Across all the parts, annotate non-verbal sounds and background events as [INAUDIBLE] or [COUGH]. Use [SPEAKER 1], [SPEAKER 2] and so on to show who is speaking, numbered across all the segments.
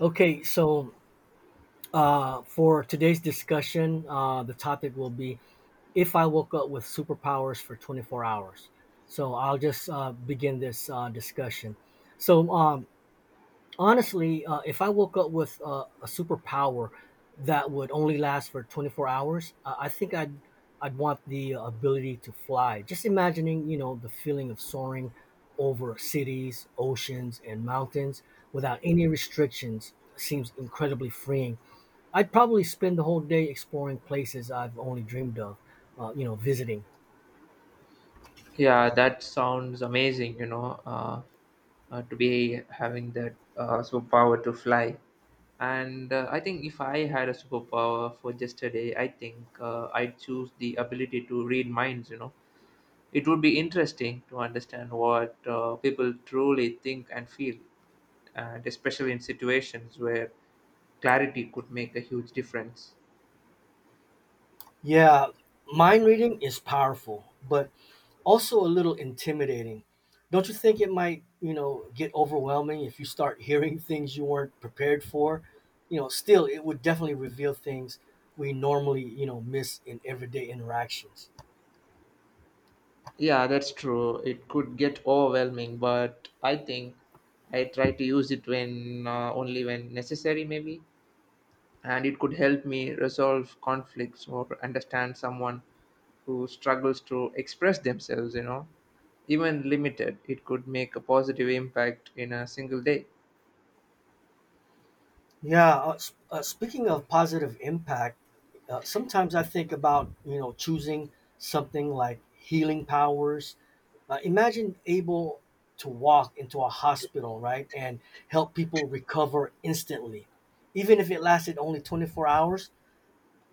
[SPEAKER 1] Okay, so for today's discussion, the topic will be if I woke up with superpowers for 24 hours. So I'll just begin this discussion. So, um, Honestly, if I woke up with a superpower that would only last for 24 hours, I think I'd want the ability to fly. Just imagining, you know, the feeling of soaring over cities, oceans, and mountains without any restrictions seems incredibly freeing. I'd probably spend the whole day exploring places I've only dreamed of, you know, visiting.
[SPEAKER 2] Yeah, that sounds amazing, you know, to be having that superpower to fly. And I think if I had a superpower for just a day, I think I'd choose the ability to read minds, you know. It would be interesting to understand what people truly think and feel, and especially in situations where clarity could make a huge difference.
[SPEAKER 1] Yeah, mind reading is powerful, but also a little intimidating. Don't you think it might, you know, get overwhelming if you start hearing [LAUGHS] things you weren't prepared for? You know, still, it would definitely reveal things we normally, you know, miss in everyday interactions.
[SPEAKER 2] Yeah, that's true. It could get overwhelming, but I think I try to use it when only when necessary, maybe. And it could help me resolve conflicts or understand someone who struggles to express themselves, you know. Even limited, it could make a positive impact in a single day.
[SPEAKER 1] Yeah, speaking of positive impact, sometimes I think about, you know, choosing something like healing powers. Imagine able to walk into a hospital, right, and help people recover instantly. Even if it lasted only 24 hours,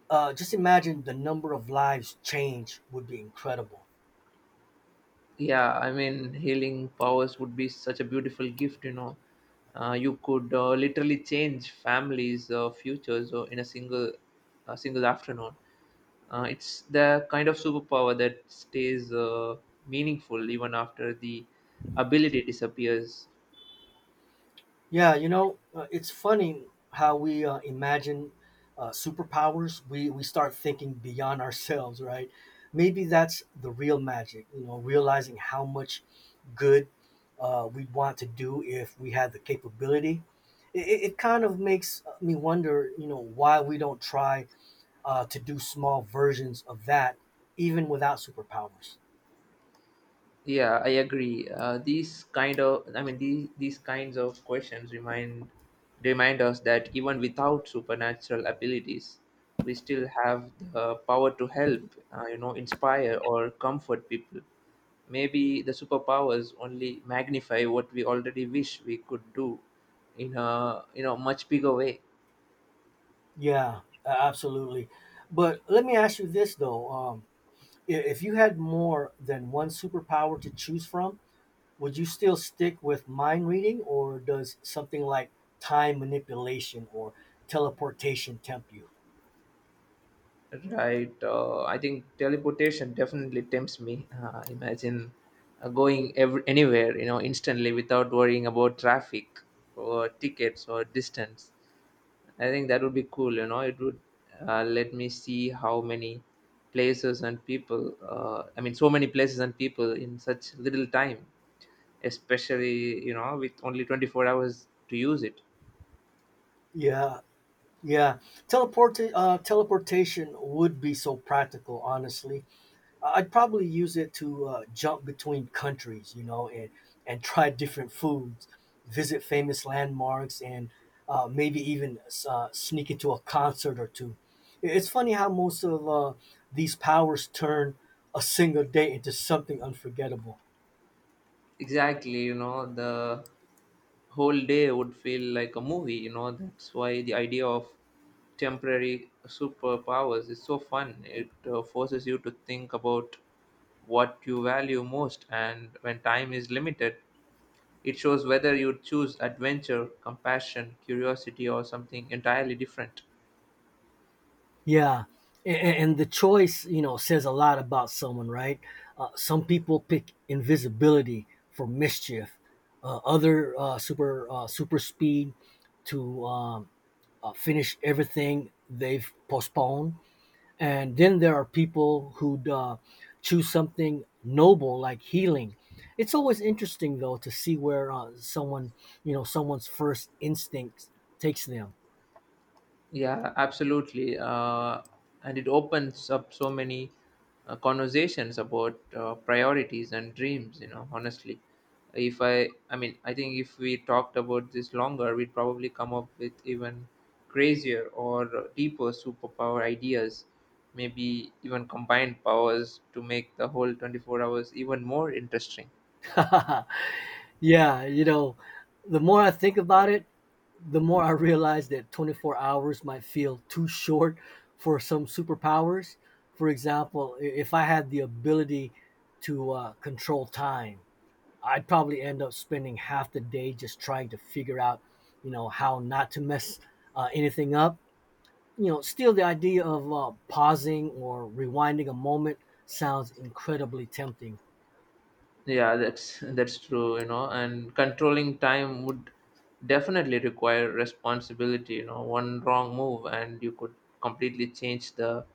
[SPEAKER 1] just imagine the number of lives changed would be incredible.
[SPEAKER 2] Yeah, I mean, healing powers would be such a beautiful gift, you know. You could literally change families' futures in a single afternoon. It's the kind of superpower that stays meaningful even after the ability disappears.
[SPEAKER 1] Yeah, you know, it's funny how we imagine superpowers. We start thinking beyond ourselves, right? Maybe that's the real magic. You know, realizing how much good we'd want to do if we had the capability. It kind of makes me wonder, you know, why we don't try to do small versions of that, even without superpowers.
[SPEAKER 2] Yeah, I agree. These kinds of questions remind us that even without supernatural abilities, we still have the power to help, you know, inspire or comfort people. Maybe the superpowers only magnify what we already wish we could do in a much bigger way.
[SPEAKER 1] Yeah, absolutely. But let me ask you this though. If you had more than one superpower to choose from, would you still stick with mind reading, or does something like time manipulation or teleportation tempt you?
[SPEAKER 2] Right. I think teleportation definitely tempts me. Imagine anywhere, you know, instantly without worrying about traffic or tickets or distance. I think that would be cool. You know, it would let me see how many places and people. I mean, so many places and people in such little time, especially you know, with only 24 hours to use it.
[SPEAKER 1] Yeah, yeah. Teleportation would be so practical, honestly. I- would probably use it to jump between countries, you know, and try different foods, visit famous landmarks, and maybe even sneak into a concert or two. It's funny how most of these powers turn a single day into something unforgettable.
[SPEAKER 2] Exactly, you know, the whole day would feel like a movie, you know. That's why the idea of temporary superpowers is so fun. It forces you to think about what you value most, and when time is limited, it shows whether you choose adventure, compassion, curiosity, or something entirely different.
[SPEAKER 1] Yeah. And, and the choice, you know, says a lot about someone, right? Some people pick invisibility for mischief, uh, other uh, super speed to um, finish everything they've postponed. And then there are people who choose something noble like healing. It's always interesting though to see where someone, you know, someone's first instincts takes them.
[SPEAKER 2] Yeah, absolutely. And it opens up so many conversations about priorities and dreams, you know, honestly. If I, I mean, I think if we talked about this longer, we'd probably come up with even crazier or deeper superpower ideas, maybe even combined powers to make the whole 24 hours even more interesting.
[SPEAKER 1] [LAUGHS] Yeah, you know, the more I think about it, the more I realize that 24 hours might feel too short for some superpowers. For example, if I had the ability to control time, I'd probably end up spending half the day just trying to figure out, you know, how not to mess anything up. You know, still the idea of pausing or rewinding a moment sounds incredibly tempting.
[SPEAKER 2] Yeah, that's true, you know, and controlling time would definitely require responsibility, you know, one wrong move and you could completely change the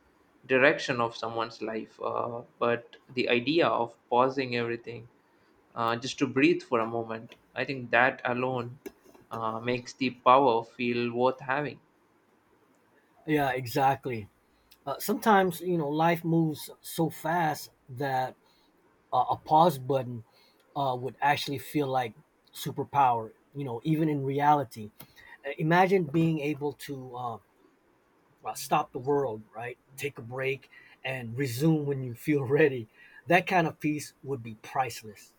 [SPEAKER 2] direction of someone's life. But the idea of pausing everything just to breathe for a moment, I think that alone makes the power feel worth having.
[SPEAKER 1] Yeah, exactly. Sometimes, you know, life moves so fast that a pause button would actually feel like superpower, you know, even in reality. Imagine being able to stop the world, right? Take a break and resume when you feel [LAUGHS] ready. That kind of peace would be priceless.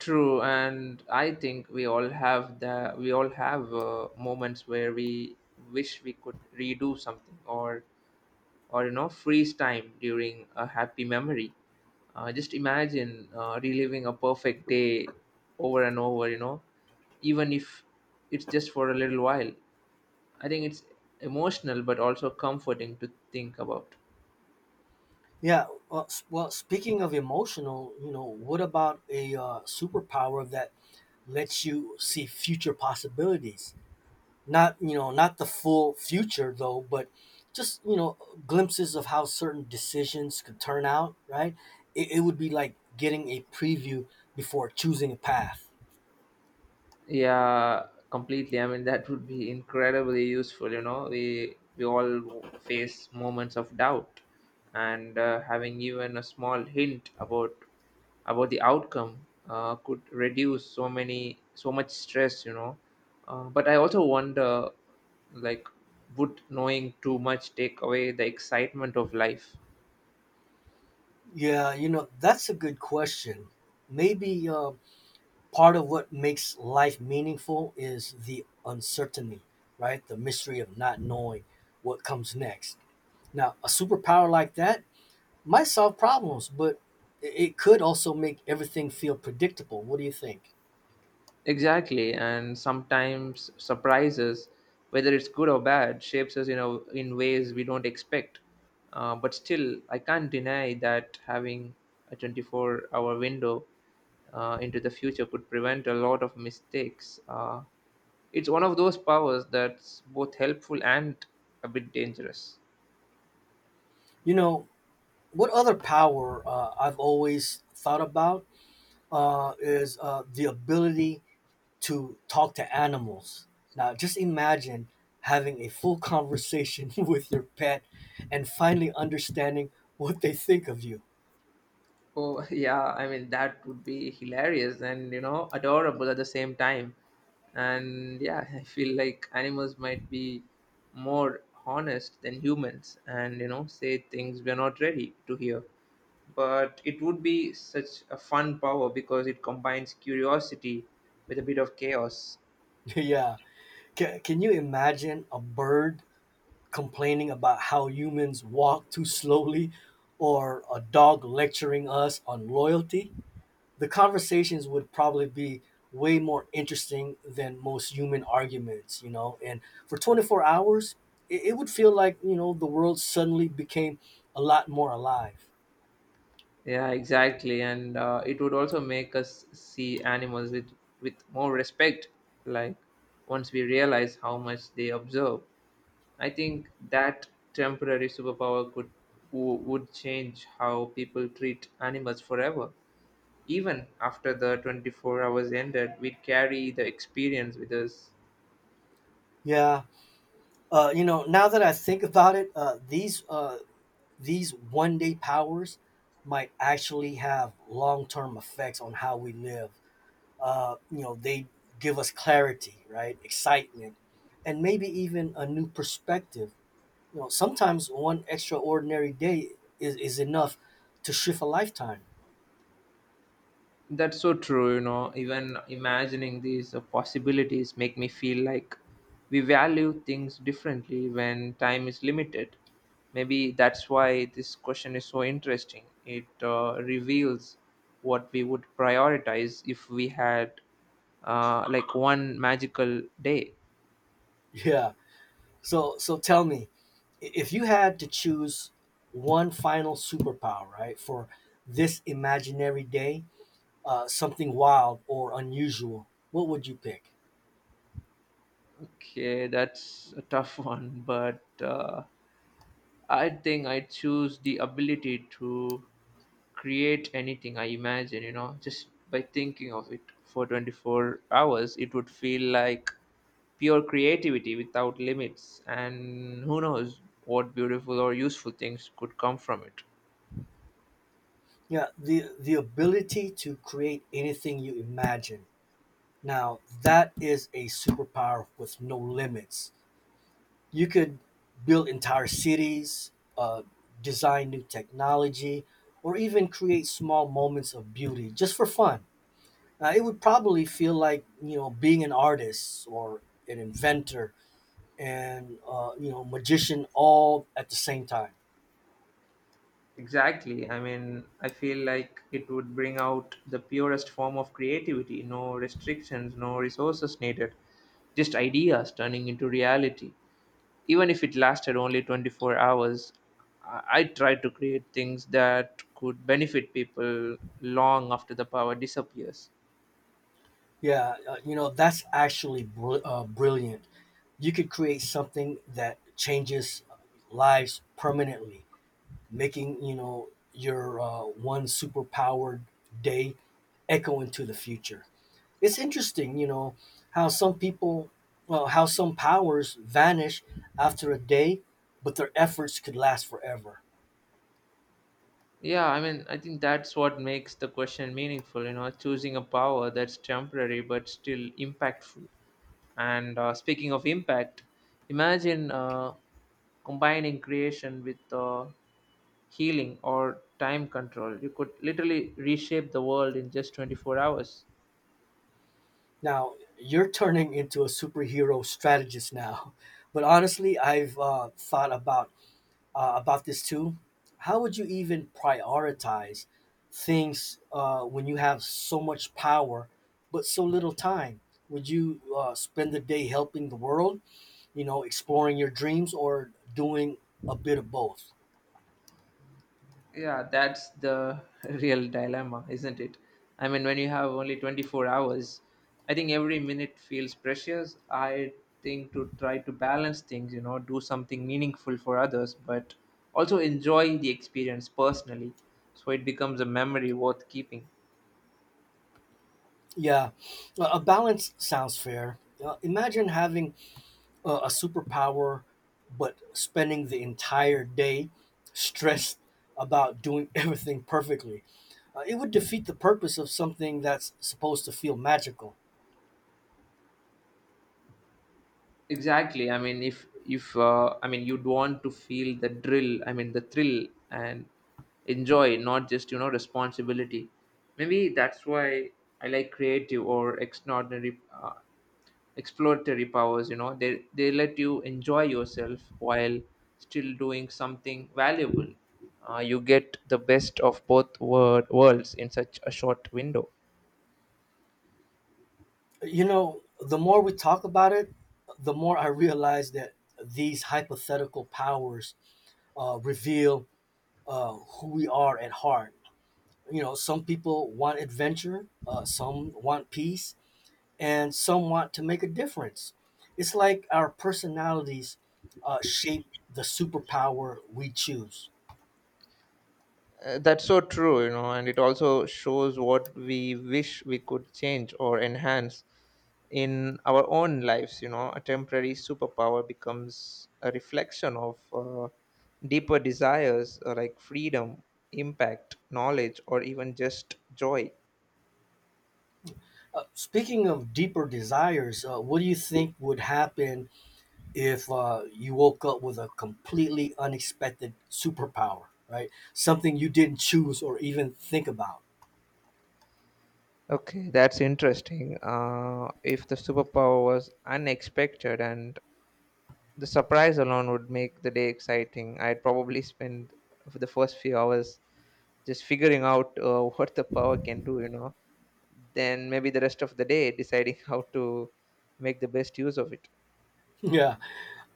[SPEAKER 2] True, and I think we all have moments where we wish we could redo something or you know freeze time during a happy memory, just imagine reliving a perfect day over and over, you know, even if it's just for a little while. I think it's emotional but also comforting to think about.
[SPEAKER 1] Yeah. Well, speaking of emotional, you know, what about a superpower that lets you see future possibilities? Not, you know, not the full future though, but just, you know, glimpses of how certain decisions could turn out, right? It would be like getting a preview before choosing a path.
[SPEAKER 2] Yeah, completely. I mean, that would be incredibly useful, you know. We all face moments of doubt, and having even a small hint about the outcome could reduce so much stress, you know. But I also wonder, like would knowing too much take away the excitement of life?
[SPEAKER 1] Yeah, you know, that's a good question. Maybe part of what makes life meaningful is the uncertainty, right? The mystery of not knowing what comes next. Now, a superpower like that might solve problems, but it could also make everything feel predictable. What do you think?
[SPEAKER 2] Exactly, and sometimes surprises, whether it's good or bad, shapes us, you know, in ways we don't expect. But still, I can't deny that having a 24-hour window into the future could prevent a lot of mistakes. It's one of those powers that's both helpful and a bit dangerous.
[SPEAKER 1] You know, what other power I've always thought about is the ability to talk to animals. Now, just imagine having a full conversation [LAUGHS] with your pet and finally understanding what they think of you.
[SPEAKER 2] Oh, [LAUGHS] yeah, I mean, that would be hilarious and, you know, adorable at the same time. And yeah, [LAUGHS] I feel like animals might be more honest than humans and, you know, say things we're not ready to hear. But it would be such a fun power because it combines curiosity with a bit of chaos.
[SPEAKER 1] [LAUGHS] Yeah. Can you imagine a bird complaining about how humans walk too slowly or a dog lecturing us on loyalty? The conversations would probably be way more interesting than most human arguments, you know. And for 24 hours, it would feel like, you know, the world suddenly became a lot more alive.
[SPEAKER 2] Yeah, exactly. And it would also make us see animals with more respect, like once we realize how much they observe. I think that temporary superpower would change how people treat animals forever. Even after the 24 hours ended, we'd carry the experience with us.
[SPEAKER 1] Yeah. You know, now that I think about it, uh, these one day powers might actually have long term effects on how we live. You know, they give us clarity, right? Excitement, and maybe even a new perspective. You know, sometimes one extraordinary day is enough to shift a lifetime. [LAUGHS]
[SPEAKER 2] That's so true, you know. Even imagining these possibilities make me feel like we value things differently when time is limited. Maybe that's why this question is so interesting. It reveals what we would prioritize if we had one magical day.
[SPEAKER 1] Yeah. So tell me, if you had to choose one final superpower, right, for this imaginary day, something wild or unusual, what would you pick?
[SPEAKER 2] Okay, that's a tough [LAUGHS] one, but I think I choose the ability to create anything I imagine, you know, just by thinking of it. For 24 hours, it would feel like pure creativity without limits. And who knows what beautiful or useful things could come from it.
[SPEAKER 1] Yeah, the ability to create anything you imagine. Now that is a superpower with no limits. You could build entire cities, uh, design new technology, or even create small moments of beauty just for fun. It would probably feel like you know being an artist or an inventor and you know magician all at the same time.
[SPEAKER 2] Exactly. I mean, I feel like it would bring out the purest form of creativity. No restrictions, no resources needed. Just ideas turning into reality. Even if it lasted only 24 hours, I try to create things that could benefit people long after the power disappears.
[SPEAKER 1] Yeah, you know that's actually brilliant. You could create something that changes lives permanently, making you know your one superpowered day echo into the future. It's interesting, you know, how some people, how some powers vanish after a day, but their efforts could last forever.
[SPEAKER 2] Yeah, I mean, I think that's what makes the question meaningful, you know, choosing a power that's temporary but still impactful. And Speaking of impact, imagine combining creation with healing or time control. You could literally reshape the world in just 24 hours.
[SPEAKER 1] Now, you're turning into a superhero strategist now, [LAUGHS] but honestly, I've uh, thought about this too. How would you even prioritize things when you have so much power but so little time? Would you spend the day helping the world, you know, exploring your dreams or doing a bit of both?
[SPEAKER 2] Yeah, that's the [LAUGHS] real dilemma, isn't it? I mean, when you have only 24 hours, I think every minute feels precious. I think to try to balance things, you know, do something meaningful for others, but also enjoy the experience personally so it becomes a memory worth keeping.
[SPEAKER 1] Yeah, a balance sounds fair. Imagine having a superpower, but spending the entire day stressed about doing [LAUGHS] everything perfectly. It would defeat the purpose of something that's supposed to feel magical.
[SPEAKER 2] Exactly. I mean, if I mean you'd want to feel the drill. I mean the thrill and enjoy, not just you know responsibility. Maybe that's why I like creative or extraordinary, exploratory powers. You know, they let you enjoy yourself while still doing something valuable. You get the best of both worlds in such a short window.
[SPEAKER 1] You know, the more we talk about it, the more I realize that these hypothetical powers reveal who we are at heart. You know, some people want adventure, some want peace, and some want to make a difference. It's like our personalities shape the superpower we choose.
[SPEAKER 2] That's so true, you know, and it also shows what we wish we could change or enhance in our own lives. You know, a temporary superpower becomes a reflection of deeper desires like freedom, impact, knowledge, or even just joy.
[SPEAKER 1] Speaking of deeper desires, what do you think would happen if you woke up with a completely unexpected superpower, right? Something you didn't choose or even think about. [LAUGHS]
[SPEAKER 2] Okay, that's interesting. If the superpower was unexpected, and the surprise alone would make the day exciting, I'd probably spend the first few hours just figuring out [LAUGHS] what the power can do, you know, then maybe the rest of the day deciding [LAUGHS] how to make the best use of it.
[SPEAKER 1] Yeah,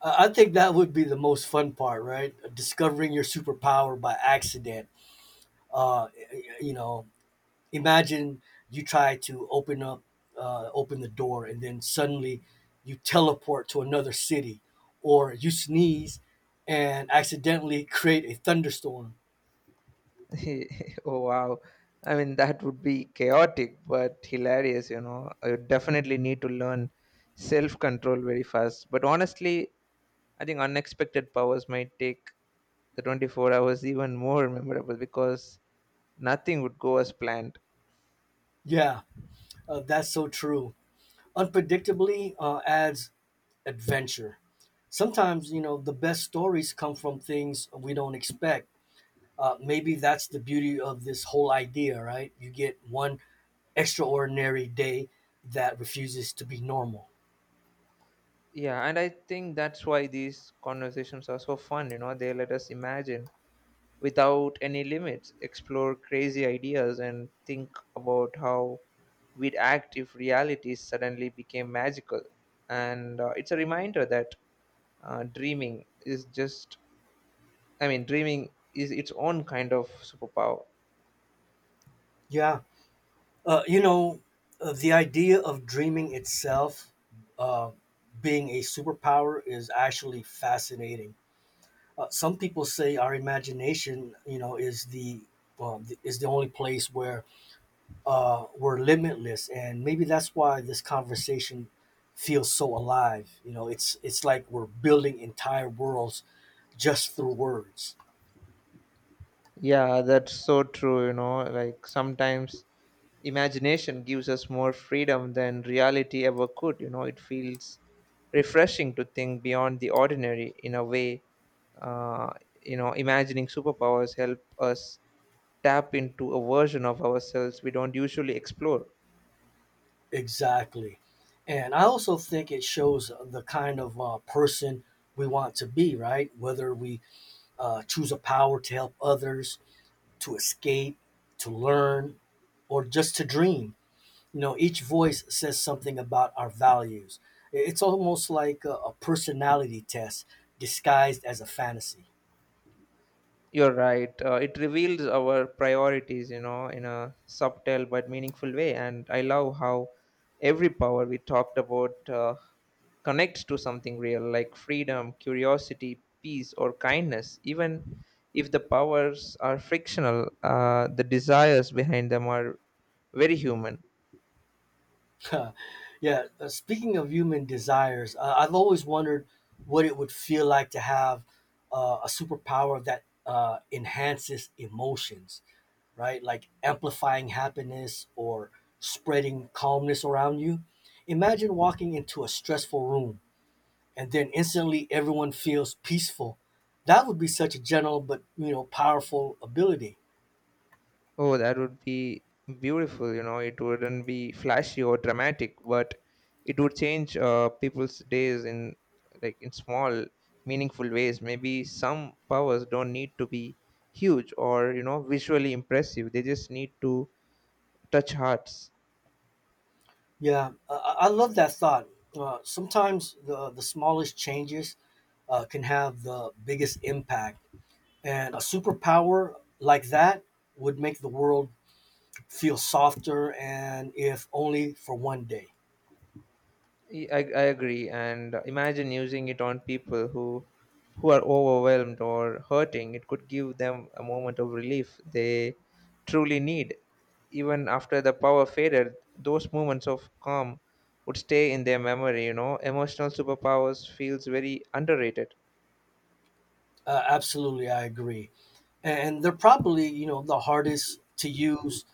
[SPEAKER 1] I think that would be the most fun part, right? Discovering your superpower by accident. Uh, you know, imagine you try to open the door and then suddenly you teleport to another city or you sneeze and accidentally [LAUGHS] create a thunderstorm.
[SPEAKER 2] [LAUGHS] Oh, wow. I mean, that would be chaotic but hilarious, you know. I would definitely need to learn self control very fast, but honestly, I think unexpected powers might take the 24 hours even more memorable because nothing would go as planned.
[SPEAKER 1] Yeah, that's so true. Unpredictably adds adventure sometimes, you know, the best stories come from things we don't expect. Uh, maybe that's the beauty of this whole idea, right? You get one extraordinary day that refuses to be normal.
[SPEAKER 2] Yeah, and I think that's why these conversations are so fun, you know. They let us imagine without any limits, explore crazy ideas, and think about how we'd act if reality suddenly became magical. And It's a reminder that dreaming is just, I mean, dreaming is its own kind of superpower.
[SPEAKER 1] Yeah. You know, the idea of dreaming itself uh, being a superpower is actually fascinating. Some people say our imagination, you know, is the is the only place where we're limitless, and maybe that's why this conversation feels so alive. You know, it's like we're building entire worlds just through words.
[SPEAKER 2] Yeah, that's so true, you know. Like sometimes imagination gives us more freedom than reality ever could, you know. It feels refreshing to think beyond the ordinary in a way. Uh, you know, imagining superpowers help us tap into a version of ourselves we don't usually explore.
[SPEAKER 1] Exactly. And I also think it shows the kind of person we want to be, right? Whether we choose a power to help others, to escape, to learn, or just to dream. You know, each voice says something about our values. It's almost like a personality test disguised as a fantasy.
[SPEAKER 2] You're right. It reveals our priorities, you know, in a subtle but meaningful way. And I love how every power we talked about connects to something real, like freedom, curiosity, peace, or kindness. Even if the powers are frictional, the desires behind them are very human.
[SPEAKER 1] [LAUGHS] Yeah. Speaking of human desires, I've always wondered what it would feel like to have a superpower that enhances emotions, right? Like amplifying happiness or spreading calmness around you. Imagine walking into a stressful room and then instantly everyone feels peaceful. That would be such a gentle but you know powerful ability.
[SPEAKER 2] Oh, that would be beautiful. You know, it wouldn't be flashy or dramatic, but it would change people's days in in small, meaningful ways. Maybe some powers don't need to be huge or you know visually impressive. They just need to touch hearts.
[SPEAKER 1] Yeah, I love that thought. Sometimes the smallest changes can have the biggest impact, and a superpower like that would make the world feel softer, and if only for one day.
[SPEAKER 2] I agree. And imagine using it on people who are overwhelmed or hurting. It could give them a moment of relief they truly need. Even after the power faded, those moments of calm would stay in their memory, you know. Emotional superpowers feels very underrated.
[SPEAKER 1] Absolutely, I agree. And they're probably, you know, the hardest to use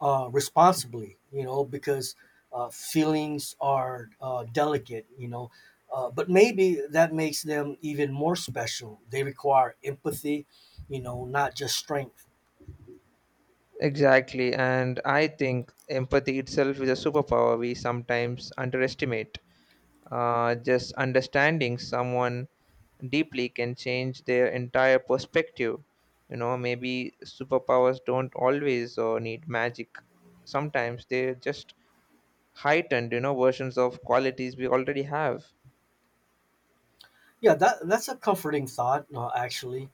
[SPEAKER 1] responsibly, you know, because feelings are delicate, you know. But maybe that makes them even more special. They require empathy, you know, not just strength.
[SPEAKER 2] Exactly, and I think empathy itself is a superpower we sometimes underestimate. Just understanding someone deeply can change their entire perspective. You know, maybe superpowers don't always need magic. Sometimes they're just heightened, you know, versions of qualities we already have.
[SPEAKER 1] Yeah, that that's a comforting thought. Actually,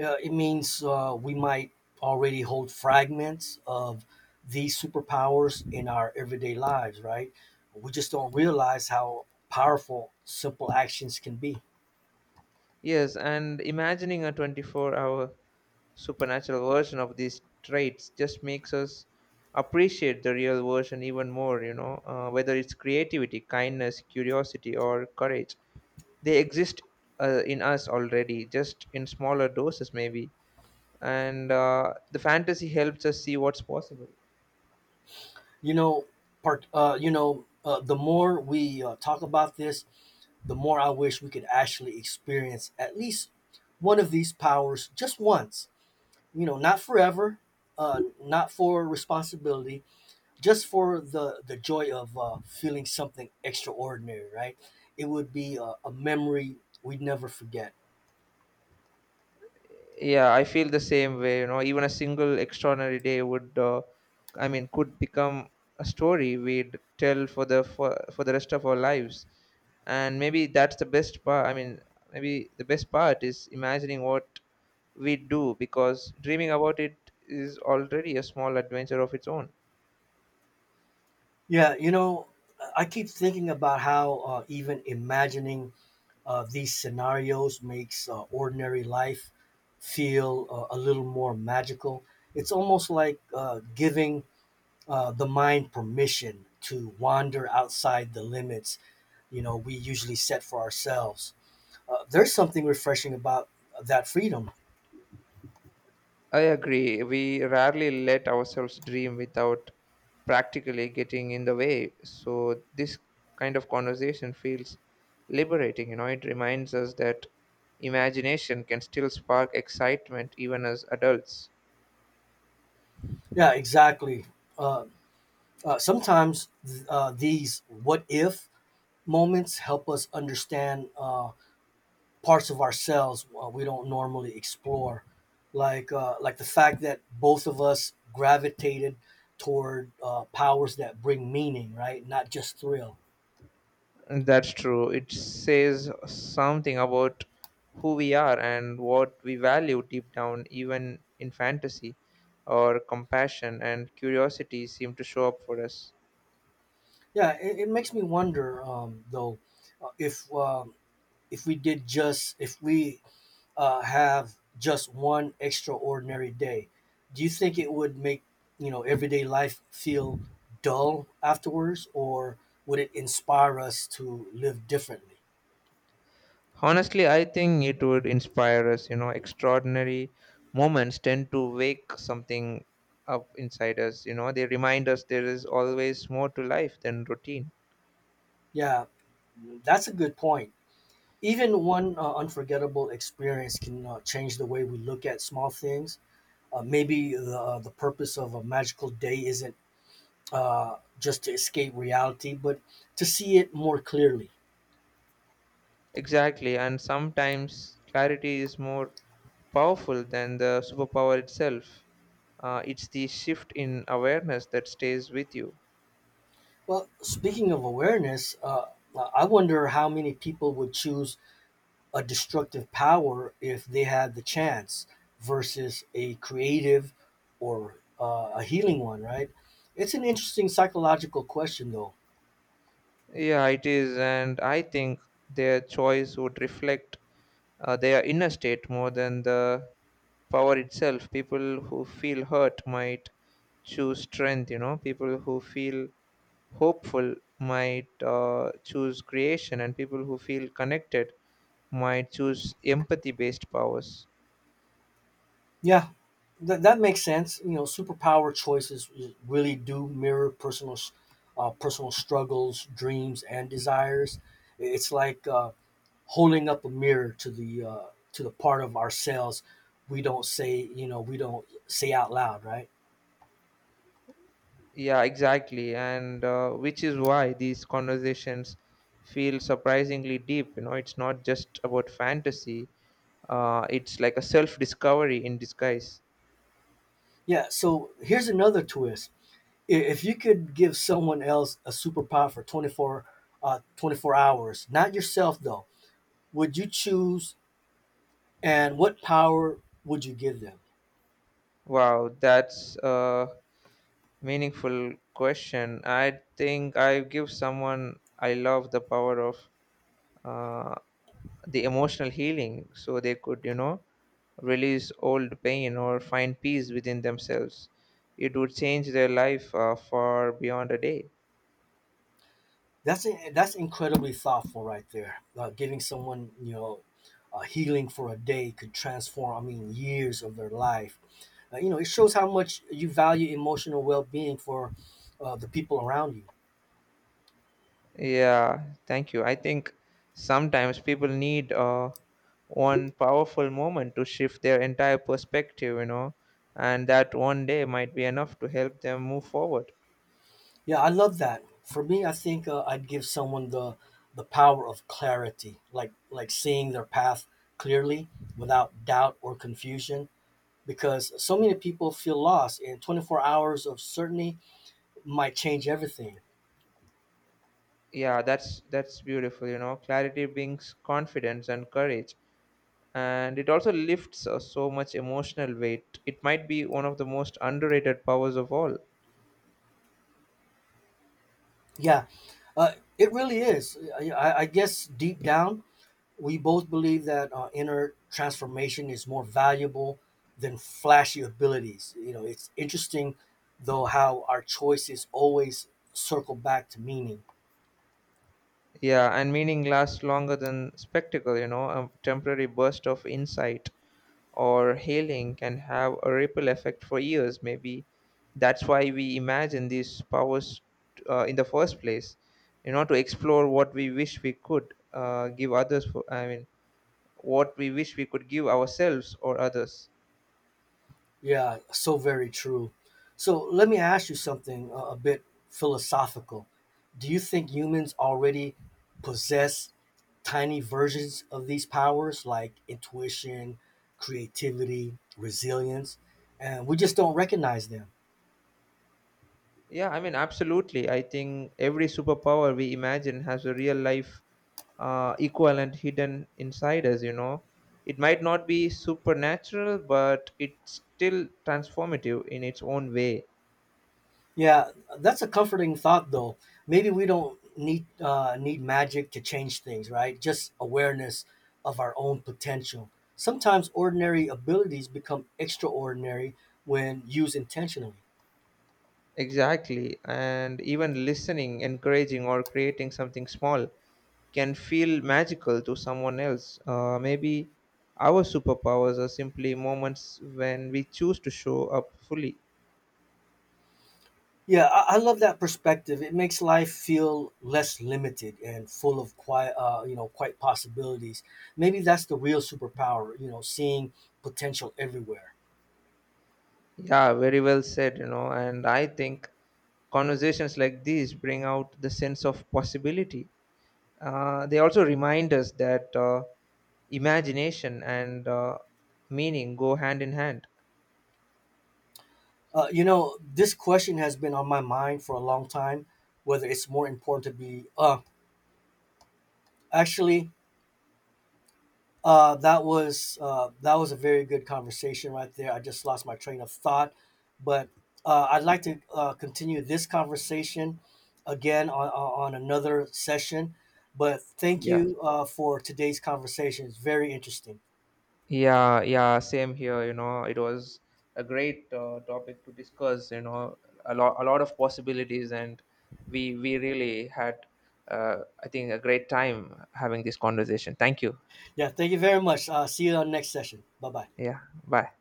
[SPEAKER 1] it means we might already hold fragments of these superpowers in our everyday lives, right? We just don't realize how powerful simple actions can be.
[SPEAKER 2] Yes, and imagining a 24-hour supernatural version of these traits just makes us appreciate the real version even more, you know, whether it's creativity, kindness, curiosity, or courage. They exist in us already, just in smaller doses, maybe. And the fantasy helps us see what's possible.
[SPEAKER 1] You know, part. The more we talk about this, the more I wish we could actually experience at least one of these powers just once. You know, not forever, not for responsibility, just for the joy of feeling something extraordinary, right? It would be a memory we'd never forget.
[SPEAKER 2] Yeah, I feel the same way, you know, even a single extraordinary day would could become a story we'd tell for the rest of our lives. And maybe that's the best part. Maybe the best part is imagining what we do, because dreaming about it is already a small adventure of its own.
[SPEAKER 1] Yeah, you know, I keep thinking about how even imagining these scenarios makes ordinary life feel a little more magical. It's almost like giving the mind permission to wander outside the limits, you know, we usually set for ourselves. There's something refreshing about that freedom.
[SPEAKER 2] I agree. We rarely let ourselves dream without practically getting in the way. So, this kind of conversation feels liberating. You know, it reminds us that imagination can still spark excitement even as adults.
[SPEAKER 1] Yeah, exactly. Uh, Sometimes these what if moments help us understand parts of ourselves we don't normally explore, like the fact that both of us gravitated toward powers that bring meaning, right? Not just thrill.
[SPEAKER 2] That's true. It says something about who we are and what we value deep down, even in fantasy or compassion and curiosity seem to show up for us.
[SPEAKER 1] Yeah, it makes me wonder though if if we did just if we have just one extraordinary day, do you think it would make, you know, everyday life feel dull afterwards, or would it inspire us to live differently?
[SPEAKER 2] Honestly, I think it would inspire us. You know, extraordinary moments tend to wake something up inside us. You know, they remind us there is always more to life than routine.
[SPEAKER 1] Yeah, that's a good point. Even one unforgettable experience can change the way we look at small things. Maybe the purpose of a magical day isn't just to escape reality, but to see it more clearly.
[SPEAKER 2] Exactly, and sometimes clarity is more powerful than the superpower itself. It's the shift in awareness that stays with you.
[SPEAKER 1] Well, speaking of awareness, I wonder how many people would choose a destructive power if they had the chance versus a creative or a healing one, right? It's an interesting psychological question, though.
[SPEAKER 2] Yeah, it is, and I think their choice would reflect their inner state more than the power itself. People who feel hurt might choose strength, you know, people who feel hopeful might choose creation, and people who feel connected might choose empathy based powers.
[SPEAKER 1] Yeah, that makes sense. You know, superpower choices really do mirror personal, personal struggles, dreams, and desires. It's like holding up a mirror to the part of ourselves we don't say out loud, right?
[SPEAKER 2] Yeah, exactly, and which is why these conversations feel surprisingly deep. You know, it's not just about fantasy. It's like a self discovery in disguise.
[SPEAKER 1] Yeah, so here's another twist. If you could give someone else a superpower for 24 hours, not yourself, though, would you choose, and what power would you give them?
[SPEAKER 2] Wow, that's a meaningful question. I think I give someone I love the power of uh, the emotional healing so they could, you know, release old pain or find peace within themselves. It would change their life far beyond a day.
[SPEAKER 1] That's incredibly thoughtful right there. Giving someone, you know, healing for a day could transform, I mean, years of their life. You know, it shows how much you value emotional well-being for the people around you.
[SPEAKER 2] Yeah, thank you. I think sometimes people need one powerful moment to shift their entire perspective, you know, and that one day might be enough to help them move forward.
[SPEAKER 1] Yeah, I love that. For me, I think I'd give someone the power of clarity, like seeing their path clearly without doubt or confusion. Because so many people feel lost, and 24 hours of certainty might change everything.
[SPEAKER 2] Yeah, that's beautiful, you know. Clarity brings confidence and courage, and it also lifts so much emotional weight. It might be one of the most underrated powers of all.
[SPEAKER 1] Yeah, it really is. I guess deep down, we both believe that inner transformation is more valuable than flashy abilities. You know, it's interesting, though, how our choices always circle back to meaning.
[SPEAKER 2] Yeah, and meaning lasts longer than spectacle, you know, a temporary burst of insight or hailing can have a ripple effect for years. Maybe that's why we imagine these powers in the first place, you know, to explore what we wish we could give others. What we wish we could give ourselves or others.
[SPEAKER 1] Yeah, so very true. So let me ask you something a bit philosophical. Do you think humans already possess tiny versions of these powers like intuition, creativity, resilience, and we just don't recognize them?
[SPEAKER 2] Yeah, I mean, absolutely. I think every superpower we imagine has a real life equivalent hidden inside us, you know. It might not be supernatural, but it's still transformative in its own way.
[SPEAKER 1] Yeah, that's a comforting thought though. Maybe we don't need need magic to change things, right? Just awareness of our own potential. Sometimes ordinary abilities become extraordinary when used intentionally.
[SPEAKER 2] Exactly. And even listening, encouraging, or creating something small can feel magical to someone else. Maybe our superpowers are simply moments when we choose to show up fully.
[SPEAKER 1] Yeah, I love that perspective. It makes life feel less limited and full of quite, quite possibilities. Maybe that's the real superpower, you know, seeing potential everywhere.
[SPEAKER 2] Yeah, very well said, you know. And I think conversations like these bring out the sense of possibility. They also remind us that imagination and meaning go hand in hand.
[SPEAKER 1] You know, this question has been on my mind for a long time, whether it's more important to actually, that was a very good conversation right there. I just lost my train of thought, but I'd like to continue this conversation again on, on another session. But thank
[SPEAKER 2] Yeah.
[SPEAKER 1] you for today's conversation. It's very interesting.
[SPEAKER 2] Yeah, yeah, same here. You know, it was a great topic to discuss. You know, a lot of possibilities, and we really had, I think, a great time having this conversation. Thank you.
[SPEAKER 1] Yeah, thank you very much. See you on the next session. Bye bye.
[SPEAKER 2] Yeah, bye.